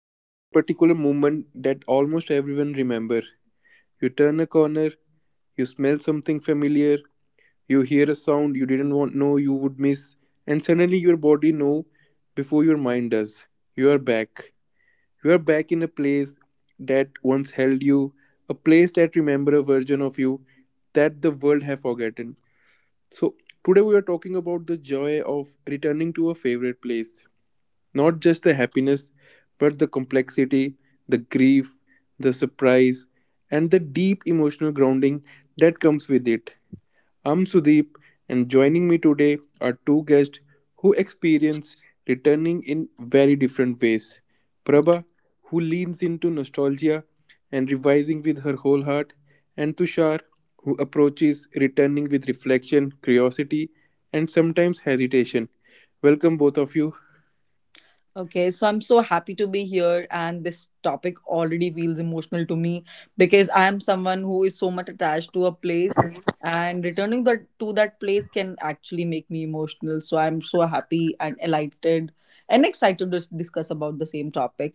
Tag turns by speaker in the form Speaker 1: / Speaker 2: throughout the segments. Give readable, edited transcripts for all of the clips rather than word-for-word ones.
Speaker 1: There's a particular moment that almost everyone remember. You turn a corner, you smell something familiar, you hear a sound you didn't want know you would miss, and suddenly your body know before your mind does. You are back. You are back in a place that once held you, a place that remember a version of you that the world have forgotten. So today we are talking about the joy of returning to a favorite place. Not just the happiness, but the complexity, the grief, the surprise, and the deep emotional grounding that comes with it. I'm Sudeep, and joining me today are two guests who experience returning in very different ways. Prabha, who leans into nostalgia and revising with her whole heart, and Tushar, who approaches returning with reflection, curiosity, and sometimes hesitation. Welcome, both of you.
Speaker 2: Okay, so I'm so happy to be here, and this topic already feels emotional to me because I am someone who is so much attached to a place, and returning that to that place can actually make me emotional. So I'm so happy and elated and excited to discuss about the same topic.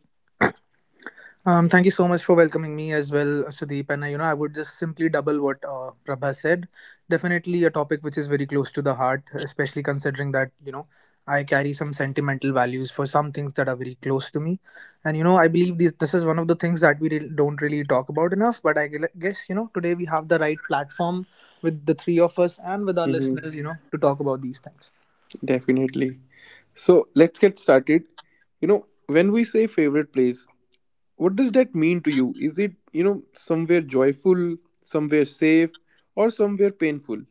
Speaker 3: Thank you so much for welcoming me as well, Sudeep. And you know, I would just simply double what Prabha said. Definitely a topic which is very close to the heart, especially considering that you know I carry some sentimental values for some things that are very close to me. And you know, I believe this is one of the things that don't really talk about enough. But I guess you know today we have the right platform with the three of us and with our listeners, you know, to talk about these things.
Speaker 1: Definitely. So let's get started. You know, when we say favorite place, what does that mean to you? Is it, you know, somewhere joyful, somewhere safe, or somewhere painful?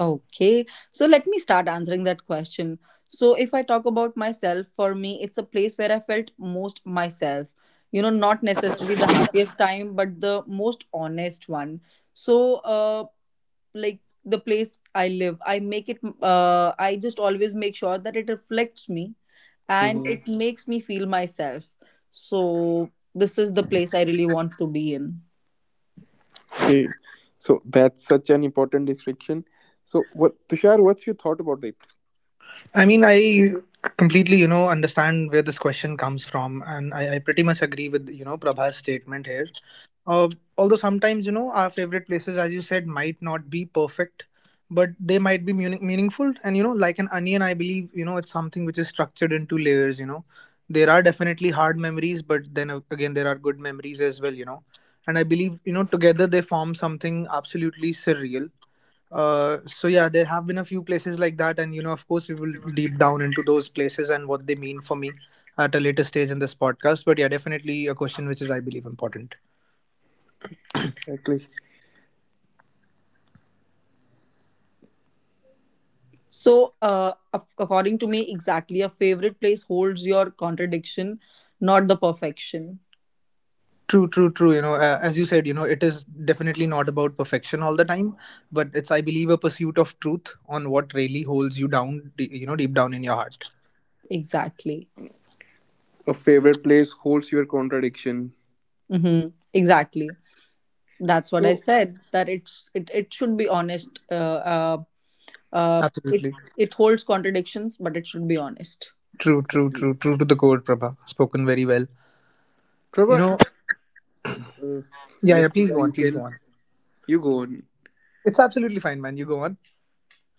Speaker 2: Okay, so let me start answering that question. So, if I talk about myself, for me, it's a place where I felt most myself. You know, not necessarily the happiest time, but the most honest one. So, uh, like the place I live I make it, I just always make sure that it reflects me and
Speaker 1: Hmm.
Speaker 2: it makes me feel myself. So this is the place I really want to be in.
Speaker 1: Okay. So that's such an important distinction. So, Tushar, what's your thought about it?
Speaker 3: I mean, I completely, you know, understand where this question comes from, and I pretty much agree with, you know, Prabha's statement here. Uh, Although sometimes, you know, our favorite places, as you said, might not be perfect, but they might be meaningful. And, you know, like an onion, I believe, you know, it's something which is structured into layers, you know. There are definitely hard memories, but then again, there are good memories as well, you know. And I believe, you know, together they form something absolutely surreal so yeah, there have been a few places like that, and you know, of course, we will deep down into those places and what they mean for me at a later stage in this podcast. But yeah, definitely a question which is, I believe, important.
Speaker 1: Exactly.
Speaker 2: So according to me, exactly, a favorite place holds your contradiction, not the perfection.
Speaker 3: True, true, true. You know, as you said, you know, it is definitely not about perfection all the time, but it's, I believe, a pursuit of truth on what really holds you down, you know, deep down in your heart.
Speaker 2: Exactly.
Speaker 1: A favorite place holds your contradiction.
Speaker 2: Mm-hmm. Exactly, that's what I
Speaker 1: So,
Speaker 2: said, that it should be honest uh, it
Speaker 3: Absolutely.
Speaker 2: it holds contradictions, but it should be honest.
Speaker 3: True, true,
Speaker 1: exactly.
Speaker 3: true, true to the core, Prabha. Spoken very well. You
Speaker 1: Trevor,
Speaker 3: know,
Speaker 1: uh,
Speaker 3: yeah, yeah,
Speaker 1: yes,
Speaker 3: please
Speaker 1: Tushar,
Speaker 3: go on,
Speaker 1: you
Speaker 3: please go
Speaker 1: can.
Speaker 3: on.
Speaker 1: You go on.
Speaker 3: It's absolutely fine, man. You go on.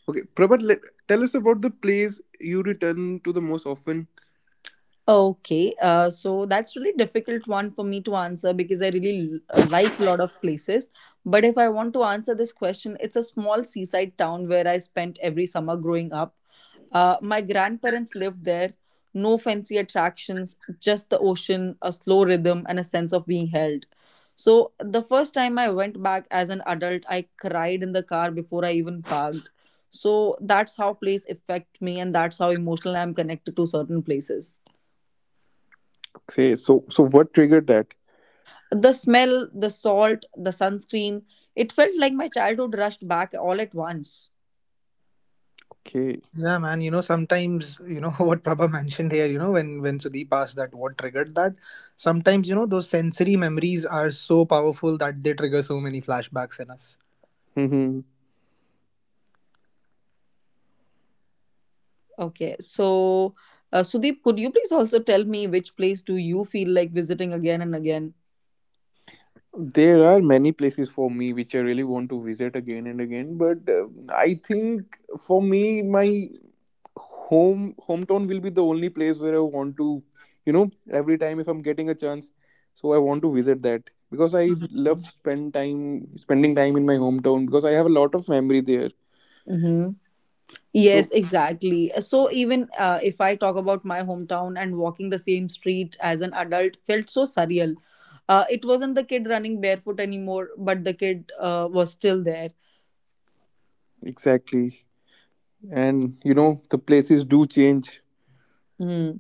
Speaker 1: Okay, Prabhat, tell us about the plays you return to the most often.
Speaker 2: Okay, so that's really difficult one for me to answer because I really like a lot of places. But if I want to answer this question, it's a small seaside town where I spent every summer growing up. My grandparents lived there. No fancy attractions, just the ocean, a slow rhythm, and a sense of being held. So the first time I went back as an adult, I cried in the car before I even parked. So that's how place affect me, and that's how emotional I'm connected to certain places.
Speaker 1: Okay, so what triggered that?
Speaker 2: The smell, the salt, the sunscreen, it felt like my childhood rushed back all at once.
Speaker 1: Okay.
Speaker 3: Yeah, man. You know, sometimes you know what Prabha mentioned here. You know, when Sudeep asked that what triggered that, sometimes you know those sensory memories are so powerful that they trigger so many flashbacks in us.
Speaker 1: Hmm.
Speaker 2: Okay, so Sudeep, could you please also tell me which place do you feel like visiting again and again?
Speaker 1: There are many places for me which I really want to visit again and again, but I think for me my hometown will be the only place where I want to, you know, every time if I'm getting a chance, so I want to visit that because I love spending time in my hometown because I have a lot of memory there.
Speaker 2: Mm-hmm. Yes,
Speaker 1: So
Speaker 2: exactly. So even if I talk about my hometown and walking the same street as an adult felt so surreal. It wasn't the kid running barefoot anymore, but the kid was still there.
Speaker 1: exactly. And you know, the places do change.
Speaker 2: Hmm.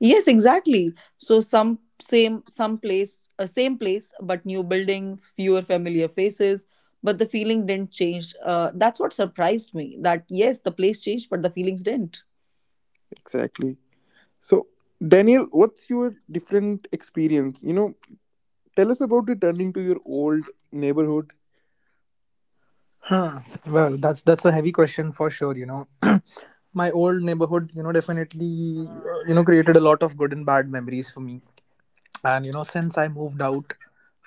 Speaker 2: Yes, exactly. So some place, same place, but new buildings, fewer familiar faces, but the feeling didn't change. That's what surprised me. That yes, the place changed, but the feelings didn't.
Speaker 1: Exactly. So, Daniel, what's your different experience? You know, tell us about returning to your old neighborhood.
Speaker 3: Huh. Well, that's a heavy question for sure. You know, my old neighborhood, you know, definitely you know created a lot of good and bad memories for me. And you know since I moved out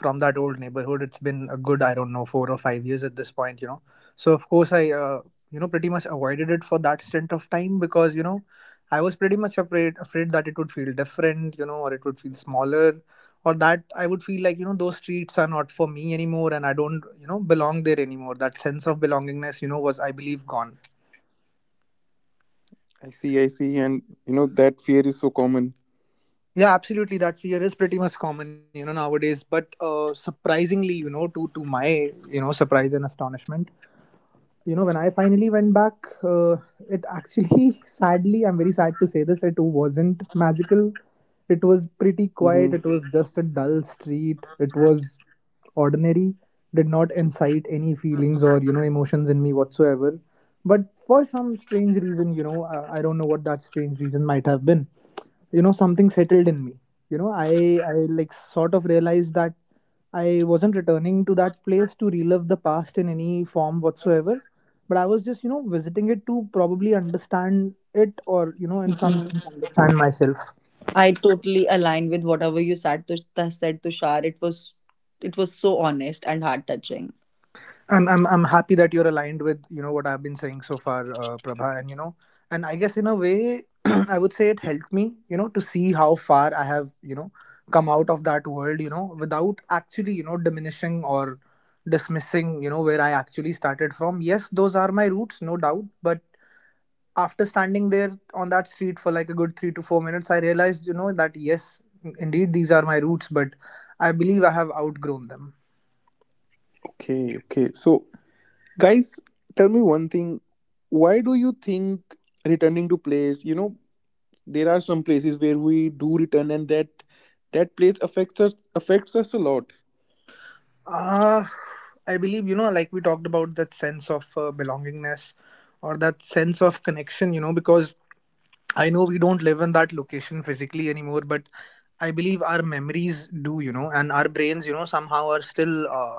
Speaker 3: from that old neighborhood, it's been a good, I don't know, 4 or 5 years at this point, you know. So of course I you know pretty much avoided it for that stint of time because you know I was pretty much afraid that it would feel different, you know, or it would feel smaller, or that I would feel like, you know, those streets are not for me anymore and I don't, you know, belong there anymore. That sense of belongingness, you know, was, I believe, gone.
Speaker 1: I see, I see. And you know, that fear is so common.
Speaker 3: Yeah, absolutely. That fear is pretty much common, you know, nowadays. But surprisingly, you know, to my, you know, surprise and astonishment, you know, when I finally went back, it actually sadly, I'm very sad to say this, it wasn't magical. It was pretty
Speaker 1: Hmm.
Speaker 3: quiet. It was just a dull street. It was ordinary. Did not incite any feelings or, you know, emotions in me whatsoever. But for some strange reason, you know, I don't know what that strange reason might have been, you know, something settled in me. You know, I like sort of realized that I wasn't returning to that place to relive the past in any form whatsoever, but I was just, you know, visiting it to probably understand it or, you know, in some
Speaker 2: Mhm.
Speaker 3: sense understand myself.
Speaker 2: I totally align with whatever you said, said Tushar. It was so honest and heart touching.
Speaker 3: I'm happy that you're aligned with, you know, what I've been saying so far, Prabha. And you know, and I guess in a way, I would say it helped me, you know, to see how far I have, you know, come out of that world, you know, without actually, you know, diminishing or dismissing, you know, where I actually started from. Yes, those are my roots, no doubt, but after standing there on that street for like a good 3 to 4 minutes, I realized, you know, that yes, indeed, these are my roots, but I believe I have outgrown them.
Speaker 1: Okay, okay. So, guys, tell me one thing. Why do you think returning to place, you know, there are some places where we do return, and that place affects us a lot.
Speaker 3: Uh, I believe, you know, like we talked about that sense of belongingness or that sense of connection, you know, because I know we don't live in that location physically anymore, but I believe our memories do, you know. And our brains, you know, somehow are still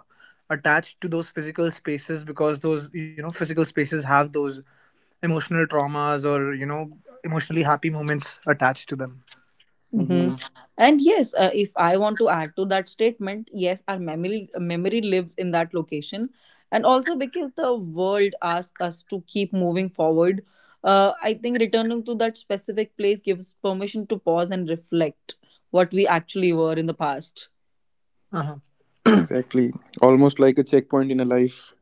Speaker 3: attached to those physical spaces, because those, you know, physical spaces have those emotional traumas or, you know, emotionally happy moments attached to them.
Speaker 2: Hmm.
Speaker 1: Hmm,
Speaker 2: And yes, if I want to add to that statement, yes, our memory lives in that location, and also because the world asks us to keep moving forward, I think returning to that specific place gives permission to pause and reflect what we actually were in the past.
Speaker 3: Uh-huh.
Speaker 1: exactly. Almost like a checkpoint in a life.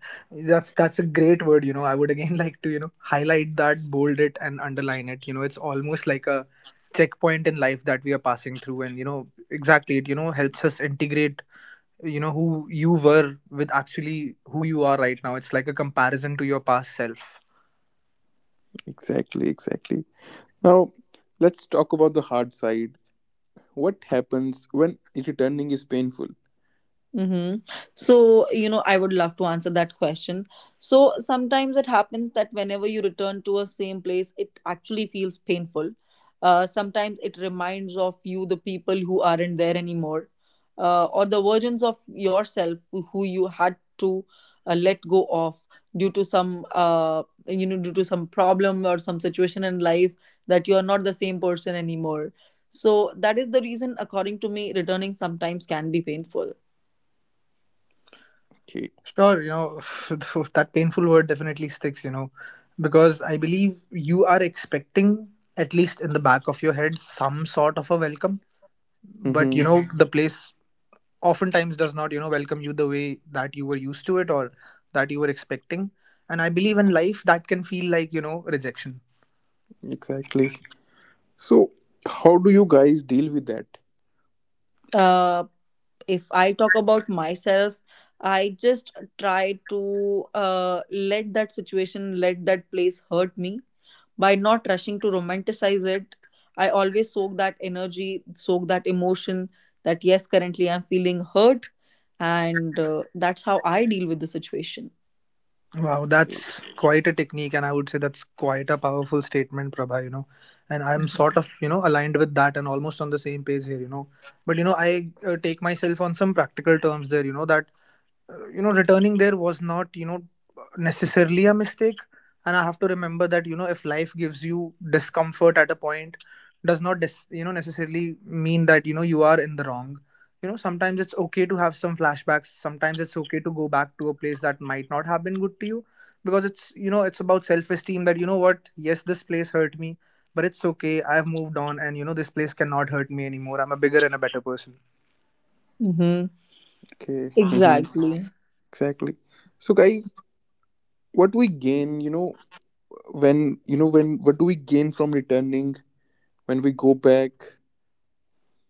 Speaker 3: That's a great word, you know. I would again like to, you know, highlight that, bold it, and underline it, you know. It's almost like a checkpoint in life that we are passing through, and you know, exactly, it, you know, helps us integrate, you know, who you were with actually who you are right now. It's like a comparison to your past self.
Speaker 1: Exactly, exactly. Now, let's talk about the hard side. What happens when returning is painful?
Speaker 2: Mm-hmm. So, you know, I would love to answer that question. So, sometimes it happens that whenever you return to a same place, it actually feels painful. Sometimes it reminds of you the people who aren't there anymore, or the versions of yourself who you had to let go of due to due to some problem or some situation in life, that you are not the same person anymore. So, that is the reason, according to me, returning sometimes can be painful.
Speaker 1: Okay.
Speaker 3: Sure, you know, that painful word definitely sticks, you know, because I believe you are expecting, at least in the back of your head, some sort of a welcome. But, you
Speaker 1: Mm-hmm.
Speaker 3: know, Mhm. the place oftentimes does not, you know, welcome you the way that you were used to it or that you were expecting. And I believe in life that can feel like, you know, rejection.
Speaker 1: Exactly. So, how do you guys deal with that?
Speaker 2: Uh, if I talk about myself, I just try to let that situation, let that place hurt me by not rushing to romanticize it. I always soak that energy, soak that emotion that, yes, currently I'm feeling hurt. And that's how I deal with the situation.
Speaker 3: Wow,
Speaker 1: Okay.
Speaker 3: that's quite a technique, and I would say that's quite a powerful statement, Prabha, you know. And I'm sort of, you know, aligned with that and almost on the same page here, you know. But, you know, I take myself on some practical terms there, you know, that you know returning there was not, you know, necessarily a mistake. And I have to remember that, you know, if life gives you discomfort at a point, does not you know necessarily mean that, you know, you are in the wrong. You know, sometimes it's okay to have some flashbacks. Sometimes it's okay to go back to a place that might not have been good to you, because it's, you know, it's about self esteem that, you know what, yes, this place hurt me, but it's okay. I've moved on, and you know, this place cannot hurt me anymore. I'm a bigger and a better person.
Speaker 2: Mm-hmm.
Speaker 1: Okay. Mm-hmm.
Speaker 2: Exactly.
Speaker 1: Exactly. So, guys, what do we gain, what do we gain from returning when we go back?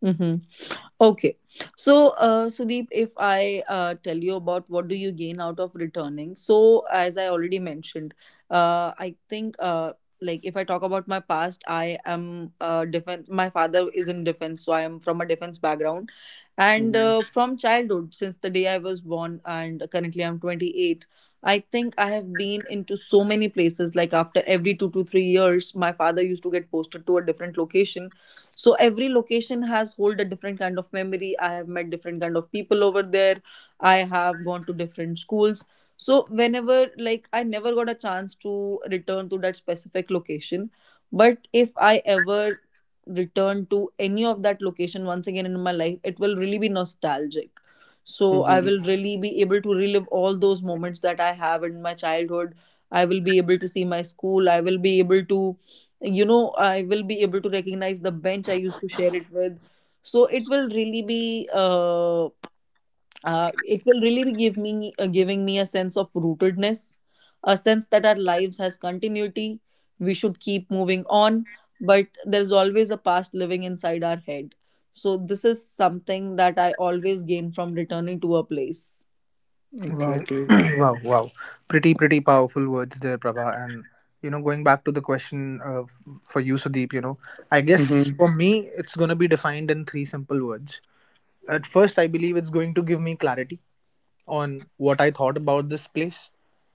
Speaker 2: Mm-hmm. Okay. So, Sudeep, if I tell you about what do you gain out of returning, so as I already mentioned, I think like if I talk about my past, I am defense. My father is in defense, so I am from a defense background, and
Speaker 1: Mm-hmm.
Speaker 2: from childhood, since the day I was born, and currently I'm 28. I think I have been into so many places. Like after every 2 to 3 years, my father used to get posted to a different location. So every location has hold a different kind of memory. I have met different kind of people over there. I have gone to different schools. So whenever, like, I never got a chance to return to that specific location, but if I ever return to any of that location once again in my life, it will really be nostalgic. So I
Speaker 1: Mm-hmm.
Speaker 2: will really be able to relive all those moments that I have in my childhood. I will be able to see my school. I will be able to, you know, I will be able to recognize the bench I used to share it with. So it will really be, it will really be give me giving me a sense of rootedness, a sense that our lives has continuity. We should keep moving on, but there's always a past living inside our head. So this is something that I always gain from returning to a place.
Speaker 3: Wow,
Speaker 1: Exactly.
Speaker 3: wow, wow. Pretty, pretty powerful words there, Prabha. And, you know, going back to the question, for you, Sudeep, you know, I guess
Speaker 1: Mhm.
Speaker 3: for me, it's going to be defined in three simple words. At first, I believe it's going to give me clarity on what I thought about this place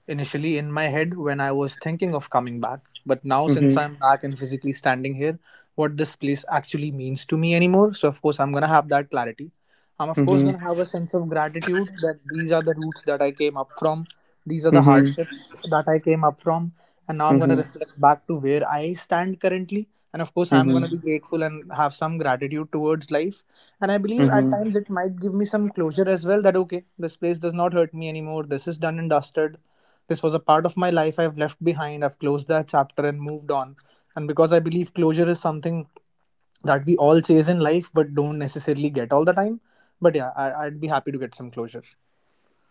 Speaker 3: initially in my head when I was thinking of coming back. But now, since
Speaker 1: Mhm.
Speaker 3: I'm back and physically standing here, what this place actually means to me anymore. So, of course, I'm going to have that clarity. I'm, of course,
Speaker 1: Mhm.
Speaker 3: going to have a sense of gratitude that these are the roots that I came up from, these are the
Speaker 1: Mhm.
Speaker 3: hardships that I came up from. And now I'm going to
Speaker 1: Mhm.
Speaker 3: reflect back to where I stand currently. And of course, I'm going
Speaker 1: Mhm.
Speaker 3: to be grateful and have some gratitude towards life, and I believe at
Speaker 1: Mhm.
Speaker 3: times it might give me some closure as well that, okay, this place does not hurt me anymore. This is done and dusted. This was a part of my life I've left behind. I've closed that chapter and moved on. And because I believe closure is something that we all chase in life but don't necessarily get all the time. But yeah, I'd be happy to get some closure.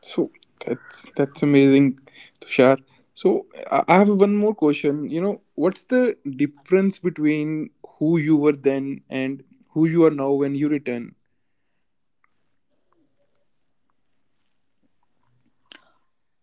Speaker 1: So that's amazing, Tushar. So I have one more question. You know, what's the difference between who you were then and who you are now when you return?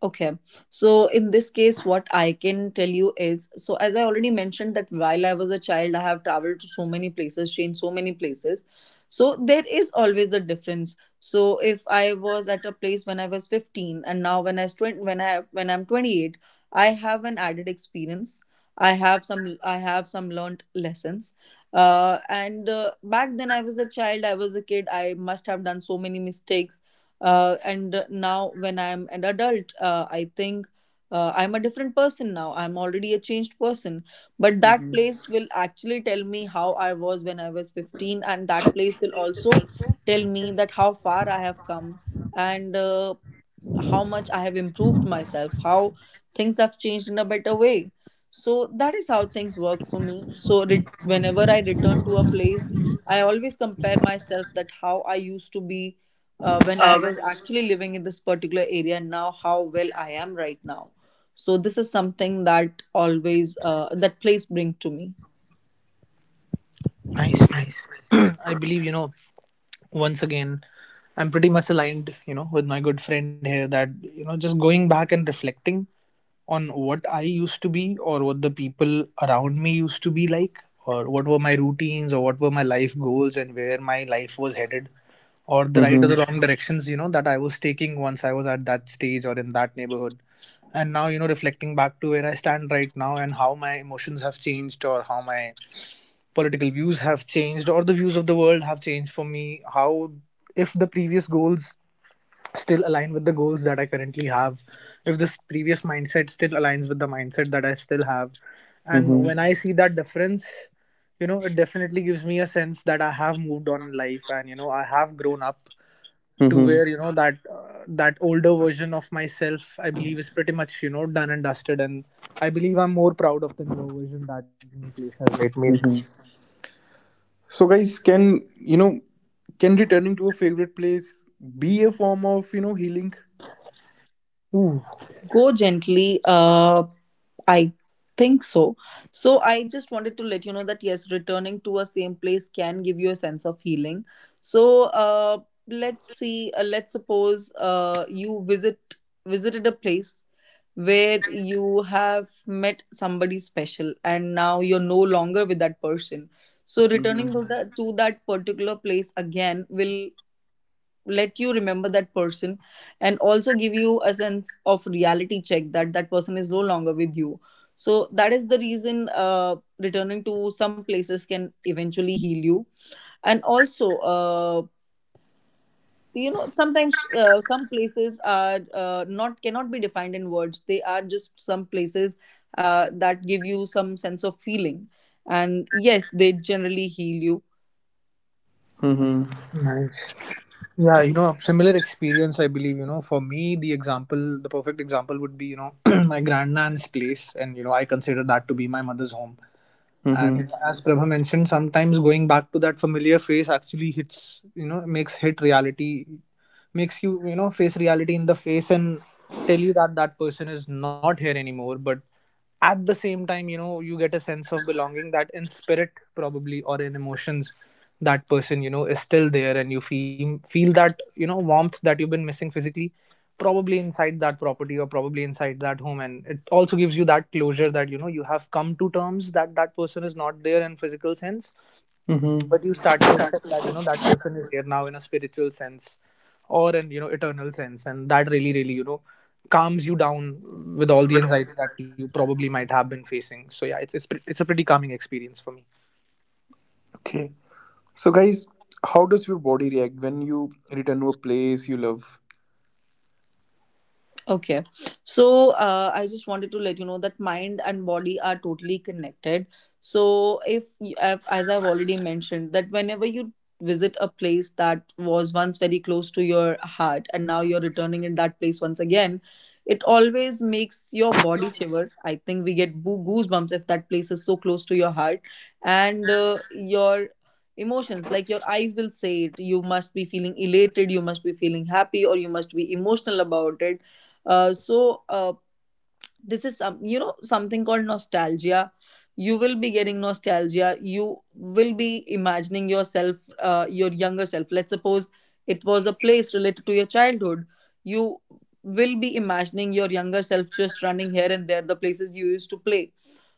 Speaker 2: Okay. So in this case, what I can tell you is, so as I already mentioned, that while I was a child, I have traveled to so many places, changed so many places. So there is always a difference. So if I was at a place when I was 15, and now when I twenty, when I when I'm 28, I have an added experience. I have some learned lessons. And back then I was a child, I was a kid. I must have done so many mistakes, and now when I'm an adult, I think I'm a different person now, I'm already a changed person. But that
Speaker 1: Mhm.
Speaker 2: place will actually tell me how I was when I was 15, and that place will also tell me that how far I have come, and how much I have improved myself, how things have changed in a better way. So that is how things work for me. So whenever I return to a place, I always compare myself that how I used to be when I was actually living in this particular area, and now how well I am right now. So this is something that always that place bring to me.
Speaker 3: Nice, nice. I believe, you know, once again, I'm pretty much aligned, you know, with my good friend here that, you know, just going back and reflecting on what I used to be or what the people around me used to be like, or what were my routines or what were my life goals and where my life was headed, or the right or
Speaker 1: Mhm.
Speaker 3: the wrong directions, you know, that I was taking once I was at that stage or in that neighborhood. And now, you know, reflecting back to where I stand right now and how my emotions have changed or how my political views have changed or the views of the world have changed for me, how if the previous goals still align with the goals that I currently have, if this previous mindset still aligns with the mindset that I still have. And
Speaker 1: Mhm.
Speaker 3: when I see that difference, you know, it definitely gives me a sense that I have moved on in life and, you know, I have grown up to
Speaker 1: Mhm.
Speaker 3: where, you know, that. That older version of myself, I believe, is pretty much, you know, done and dusted, and I believe I'm more proud of the new version that the new place has made me into.
Speaker 1: Mhm. So guys, can you know can returning to a favorite place be a form of healing?
Speaker 3: Ooh,
Speaker 2: Go gently. I think so. So I just wanted to let you know that yes, returning to a same place can give you a sense of healing. So let's see. Let's suppose you visited a place where you have met somebody special, and now you're no longer with that person. So
Speaker 1: Mm-hmm.
Speaker 2: returning to that particular place again will let you remember that person, and also give you a sense of reality check that that person is no longer with you. So that is the reason returning to some places can eventually heal you. And also you know, sometimes some places are, not cannot be defined in words. They are just some places that give you some sense of feeling, and yes, they generally heal you.
Speaker 1: Mm-hmm.
Speaker 3: nice. Yeah, you know, similar experience, I believe. You know, for me, the example, the perfect example would be, you know, my grandnan's place. And, you know, I consider that to be my mother's home. And you
Speaker 1: Mm-hmm.
Speaker 3: know, as Prabha mentioned, sometimes going back to that familiar face actually hits, you know, makes hit reality, makes you, you know, face reality in the face and tell you that that person is not here anymore. But at the same time, you know, you get a sense of belonging that in spirit, probably, or in emotions, that person, you know, is still there, and you feel that, you know, warmth that you've been missing physically, probably inside that property or probably inside that home. And it also gives you that closure that, you know, you have come to terms that that person is not there in physical sense,
Speaker 1: Mm-hmm.
Speaker 3: but you start to accept that, you know, that person is here now in a spiritual sense or an, you know, eternal sense, and that really, really, you know, calms you down with all the anxiety that you probably might have been facing. So yeah, it's a pretty calming experience for me.
Speaker 1: Okay. So, guys, how does your body react when you return to a place you love?
Speaker 2: Okay. So I just wanted to let you know that mind and body are totally connected. So if as I've already mentioned that whenever you visit a place that was once very close to your heart and now you're returning in that place once again, it always makes your body shiver. I think we get goosebumps if that place is so close to your heart, and your emotions, like your eyes will say it. You must be feeling elated, you must be feeling happy, or you must be emotional about it. uh, so uh, this is some you know, something called nostalgia. You will be getting nostalgia. You will be imagining yourself, your younger self. Let's suppose it was a place related to your childhood. You will be imagining your younger self just running here and there, the places you used to play.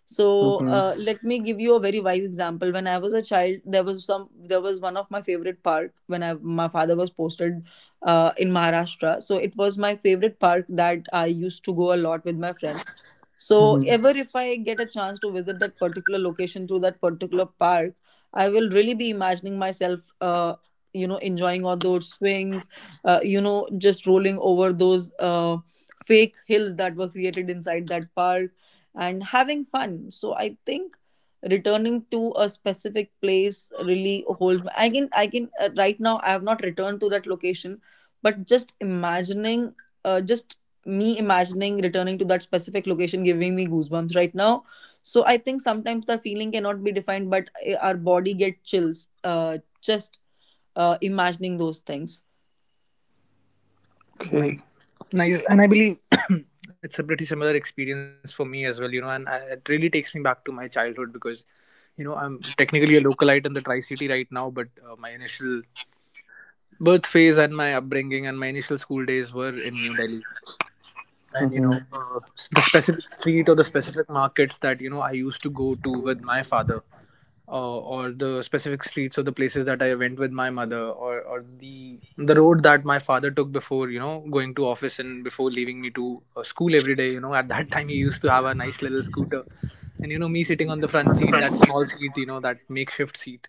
Speaker 2: So
Speaker 1: Mm-hmm.
Speaker 2: let me give you a very wise example. When I was a child, there was some there was one of my favorite park when my father was posted in Maharashtra. So it was my favorite park that I used to go a lot with my friends. So ever
Speaker 1: Mm-hmm.
Speaker 2: if I get a chance to visit that particular location through that particular park, I will really be imagining myself, you know, enjoying all those swings, you know, just rolling over those fake hills that were created inside that park and having fun. So I think returning to a specific place really holds I can right now I have not returned to that location, but just imagining just me imagining returning to that specific location giving me goosebumps right now. So I think sometimes the feeling cannot be defined, but our body get chills, just imagining those things.
Speaker 1: Okay.
Speaker 3: Nice, nice. And I believe it's a pretty similar experience for me as well, you know. And I, it really takes me back to my childhood, because you know, I'm technically a localite in the tri city right now, but my initial birth phase and my upbringing and my initial school days were in New Delhi. And you know,
Speaker 1: Mm-hmm.
Speaker 3: the specific street or the specific markets that, you know, I used to go to with my father, or the specific streets or the places that I went with my mother, or the road that my father took before, you know, going to office and before leaving me to school every day. You know, at that time he used to have a nice little scooter, and you know, me sitting on the front seat, that small seat, you know, that makeshift seat,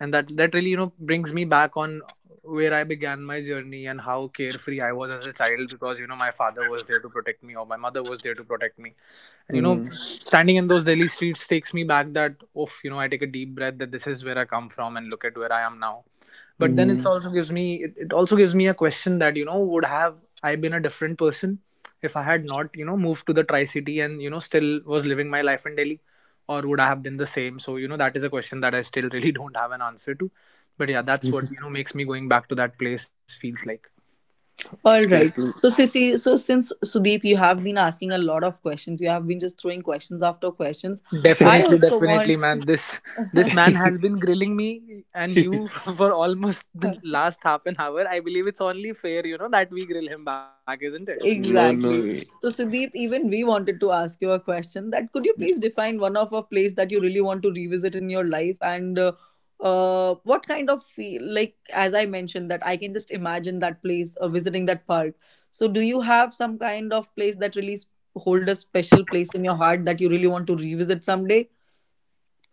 Speaker 3: and that really, you know, brings me back on where I began my journey and how carefree I was as a child, because you know, my father was there to protect me or my mother was there to protect me. And you know,
Speaker 1: Mm-hmm.
Speaker 3: standing in those Delhi streets takes me back, that oh, you know, I take a deep breath, that this is where I come from and look at where I am now. But then it
Speaker 1: Mm-hmm.
Speaker 3: also gives me, it also gives me a question that, you know, would have I been a different person if I had not, you know, moved to the tri city and, you know, still was living my life in Delhi, or would I have been the same. So you know, that is a question that I still really don't have an answer to, but yeah, that's what, you know, makes me going back to that place feels like.
Speaker 2: All right,
Speaker 1: Exactly.
Speaker 2: so since Sudeep, you have been asking a lot of questions. You have been just throwing questions after questions. I
Speaker 3: Definitely,
Speaker 2: also
Speaker 3: definitely, man. This
Speaker 2: want.
Speaker 3: man has been grilling me and you for almost the last half an hour. I believe it's only fair, you know, that we grill him back, isn't it?
Speaker 1: No, no.
Speaker 2: Exactly. So, Sudeep, even we wanted to ask you a question that could you please define one of a place that you really want to revisit in your life, and what kind of feel, like, as I mentioned, that I can just imagine that place visiting that park. So, do you have some kind of place that really hold a special place in your heart that you really want to revisit someday?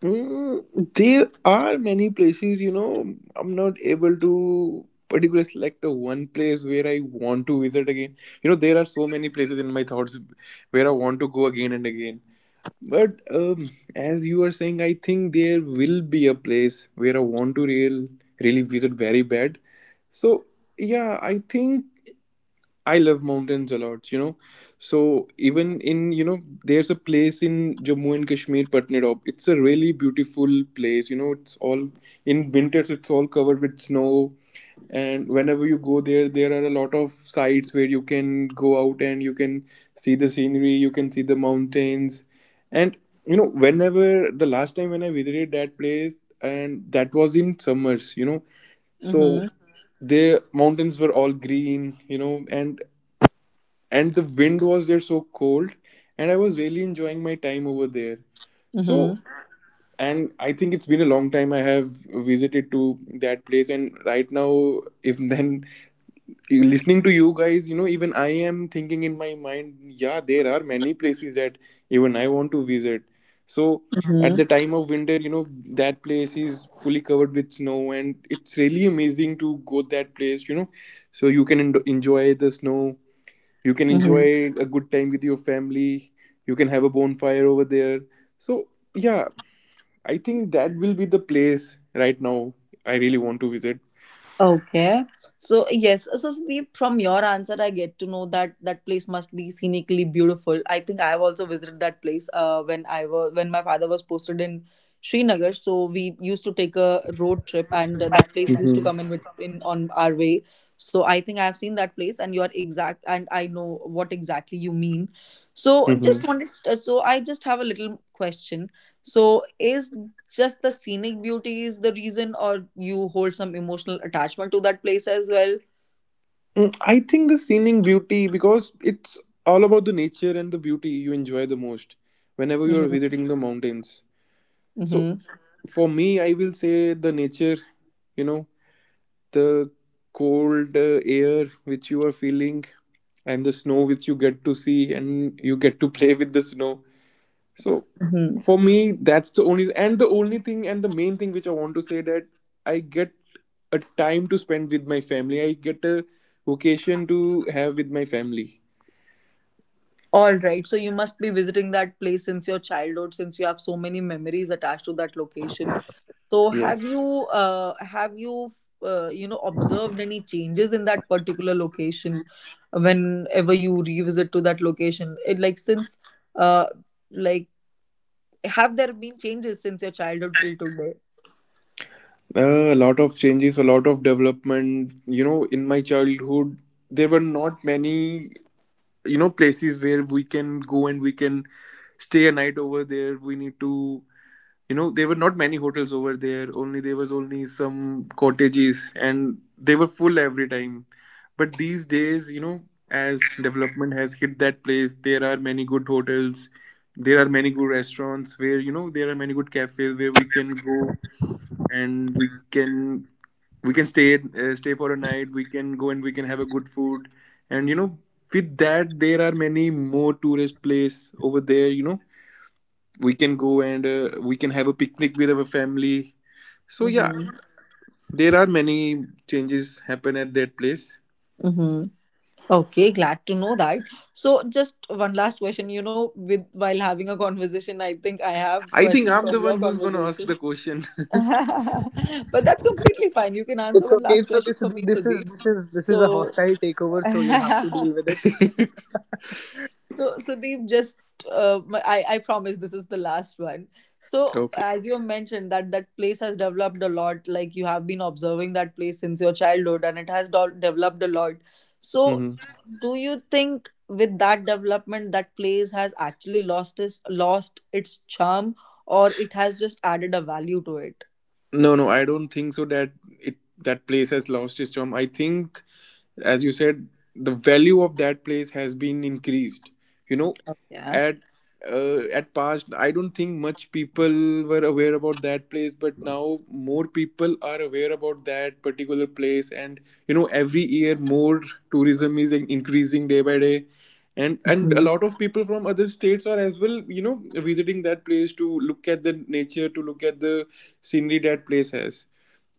Speaker 1: Mm, there are many places, you know, I'm not able to particularly select a one place where I want to visit again. You know, there are so many places in my thoughts where I want to go again and again. But as you are saying, I think there will be a place where I want to really visit very bad. So yeah, I think I love mountains a lot, you know. So even in you know, there's a place in Jammu and Kashmir, Patnadop. It's a really beautiful place. You know, it's all in winters. It's all covered with snow, and whenever you go there, there are a lot of sites where you can go out and you can see the scenery. You can see the mountains, and you know, whenever the last time when I visited that place, and that was in summers. You know, so
Speaker 2: Mm-hmm.
Speaker 1: the mountains were all green, you know, and the wind was there so cold, and I was really enjoying my time over there.
Speaker 2: Mm-hmm.
Speaker 1: So, and I think it's been a long time I have visited to that place, and right now if then listening to you guys, you know, even I am thinking in my mind, yeah, there are many places that even I want to visit. So
Speaker 2: Mm-hmm.
Speaker 1: at the time of winter, you know, that place is fully covered with snow, and it's really amazing to go that place, you know. So you can enjoy the snow. You can
Speaker 2: Mm-hmm.
Speaker 1: enjoy a good time with your family. You can have a bonfire over there. So yeah, I think that will be the place right now I really want to visit.
Speaker 2: Okay. So yes, so Sandeep, from your answer, I get to know that that place must be scenically beautiful. I think I have also visited that place when I was when my father was posted in Srinagar. So we used to take a road trip, and that place used to
Speaker 1: Mhm.
Speaker 2: come in with in on our way. So I think I have seen that place, and you are exact, and I know what exactly you mean. So just
Speaker 1: Mhm.
Speaker 2: wanted, so I just have a little question. So is just the scenic beauty is the reason, or you hold some emotional attachment to that place as well?
Speaker 1: I think the scenic beauty because it's all about the nature and the beauty you enjoy the most whenever you are
Speaker 2: Hmm.
Speaker 1: visiting the mountains. So
Speaker 2: Hmm.
Speaker 1: for me, I will say the nature, you know, the cold air which you are feeling and the snow which you get to see and you get to play with the snow. So
Speaker 2: Hmm.
Speaker 1: for me, that's the only and the only thing, and the main thing which I want to say, that I get a time to spend with my family, I get a vocation to have with my family.
Speaker 2: All right, so you must be visiting that place since your childhood, since you have so many memories attached to that location. So
Speaker 1: Yes.
Speaker 2: have you uh, have you you know observed any changes in that particular location whenever you revisit to that location? It like since uh like have there been changes since your childhood till today?
Speaker 1: A lot of changes, a lot of development, you know. In my childhood there were not many, you know, places where we can go and we can stay a night over there. We need to, you know, there were not many hotels over there, only there was only some cottages and they were full every time. But these days, you know, as development has hit that place, there are many good hotels, there are many good restaurants where, you know, there are many good cafes where we can go, and we can stay for a night. We can go and we can have a good food, and you know, with that, there are many more tourist place over there, you know. We can go, and we can have a picnic with our family. So yeah,
Speaker 2: Mm-hmm.
Speaker 1: there are many changes happen at that place.
Speaker 2: Okay, glad to know that. So, just one last question. You know, with while having a conversation, I think I have
Speaker 1: I think
Speaker 2: questions
Speaker 1: I'm
Speaker 2: from
Speaker 1: the one
Speaker 2: your
Speaker 1: who's going to ask
Speaker 2: conversation.
Speaker 1: the question.
Speaker 2: But that's completely fine. You can answer
Speaker 3: It's
Speaker 2: one
Speaker 3: okay.
Speaker 2: last
Speaker 3: It's okay.
Speaker 2: question
Speaker 3: So
Speaker 2: for me,
Speaker 3: this is
Speaker 2: Sudeep.
Speaker 3: this is this is a
Speaker 2: So,
Speaker 3: hostile takeover, so you'll have to deal with it.
Speaker 2: so, Sudeep, just I promise this is the last one. So,
Speaker 1: Okay.
Speaker 2: as you mentioned that that place has developed a lot. Like you have been observing that place since your childhood, and it has developed a lot. So,
Speaker 1: Hmm.
Speaker 2: do you think with that development, that place has actually lost its charm, or it has just added a value to it?
Speaker 1: No, no, I don't think so it that place has lost its charm. I think, as you said, the value of that place has been increased, you know.
Speaker 2: Yeah.
Speaker 1: At past, I don't think much people were aware about that place, but now more people are aware about that particular place, and you know, every year more tourism is increasing day by day, and a lot of people from other states are as well, you know, visiting that place to look at the nature, to look at the scenery that place has.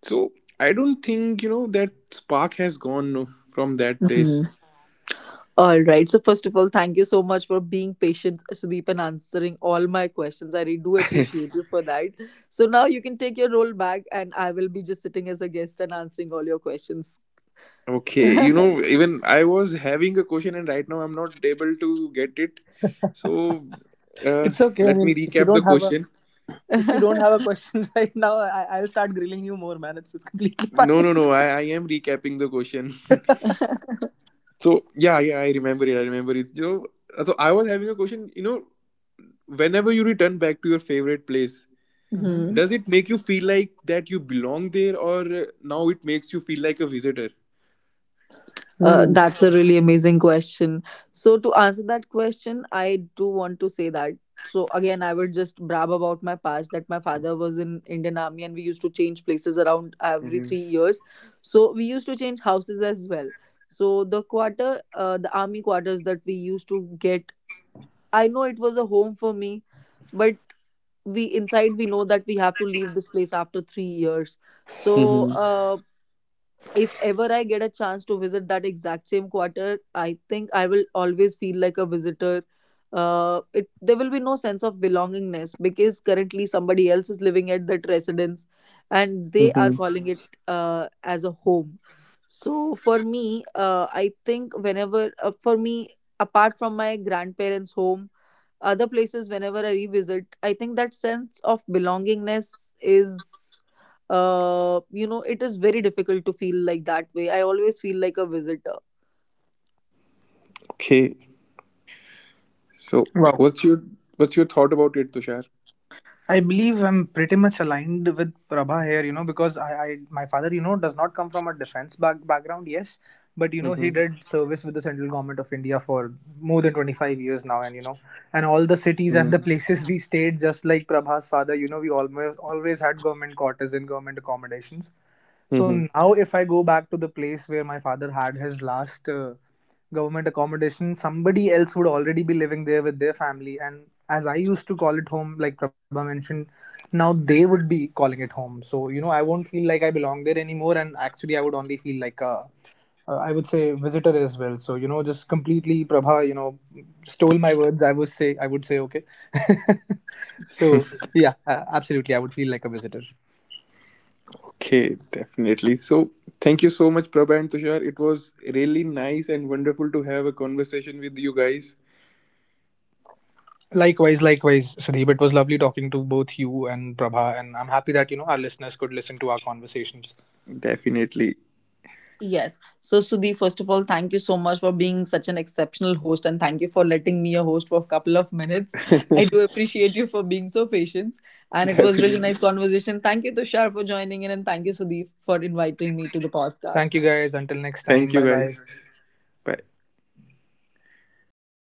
Speaker 1: So I don't think, you know, that spark has gone, no, from that place.
Speaker 2: Mhm. All right. So first of all, thank you so much for being patient, Sudeep, and answering all my questions. I really do appreciate you for that. So now you can take your role back, and I will be just sitting as a guest and answering all your questions.
Speaker 1: Okay, you know, even I was having a question and right now I'm not able to get it. So
Speaker 3: It's
Speaker 1: uh,
Speaker 3: okay. I mean,
Speaker 1: let me recap the question.
Speaker 3: if you don't have a question right now, I'll start grilling you more, man. It's completely
Speaker 1: No,
Speaker 3: fine.
Speaker 1: no, no, I am recapping the question. So yeah, yeah, I remember it. I remember it. So, I was having a question, you know, whenever you return back to your favorite place,
Speaker 2: Hmm.
Speaker 1: does it make you feel like that you belong there, or now it makes you feel like a visitor?
Speaker 3: Hmm.
Speaker 2: That's a really amazing question. So, to answer that question, I do want to say that. So, again, I would just brab about my past that my father was in Indian Army, and we used to change places around every 3 years. So, we used to change houses as well. So, the quarter, the army quarters that we used to get, I know it was a home for me, but we inside we know that we have to leave this place after 3 years. So,
Speaker 1: Mm-hmm.
Speaker 2: uh, if ever I get a chance to visit that exact same quarter, I think I will always feel like a visitor. It there will be no sense of belongingness because currently somebody else is living at that residence, and they are
Speaker 1: Mm-hmm.
Speaker 2: calling it as a home. So for me, I think whenever for me, apart from my grandparents' home, other places whenever I revisit, I think that sense of belongingness is, it is very difficult to feel like that way. I always feel like a visitor.
Speaker 1: Okay. So what's your thought about it, Tushar?
Speaker 3: I believe I'm pretty much aligned with Prabha here, you know, because I, my father, you know, does not come from a background. Yes, but you know, he
Speaker 1: Mm-hmm.
Speaker 3: did service with the central government of India for more than 25 years now, and you know, and all the cities and
Speaker 1: Mm-hmm.
Speaker 3: the places we stayed, just like Prabha's father, you know, we almost always had government quarters and government accommodations. So
Speaker 1: Mm-hmm.
Speaker 3: now, if I go back to the place where my father had his last government accommodation, somebody else would already be living there with their family. And as I used to call it home, like Prabha mentioned, now they would be calling it home. So, you know, I won't feel like I belong there anymore. And actually, I would only feel like a, I would say visitor as well. So, you know, just completely Prabha, you know, stole my words. I would say, okay. So, yeah, absolutely, I would feel like a visitor.
Speaker 1: Okay, definitely. So thank you so much, Prabha and Tushar. It was really nice and wonderful to have a conversation with you guys.
Speaker 3: Likewise, likewise, Sudeep. It was lovely talking to both you and Prabha, and I'm happy that you know our listeners could listen to our conversations.
Speaker 1: Definitely.
Speaker 2: Yes. So, Sudhi, first of all, thank you so much for being such an exceptional host, and thank you for letting me a host for a couple of minutes. I do appreciate you for being so patient, and it was really
Speaker 1: Definitely.
Speaker 2: nice conversation. Thank you, Tushar, for joining in, and thank you, Sudhi, for inviting me to the
Speaker 3: Thank you
Speaker 2: podcast.
Speaker 3: guys. Until next
Speaker 1: Thank
Speaker 3: time.
Speaker 1: you
Speaker 3: Bye bye.
Speaker 1: guys. Bye.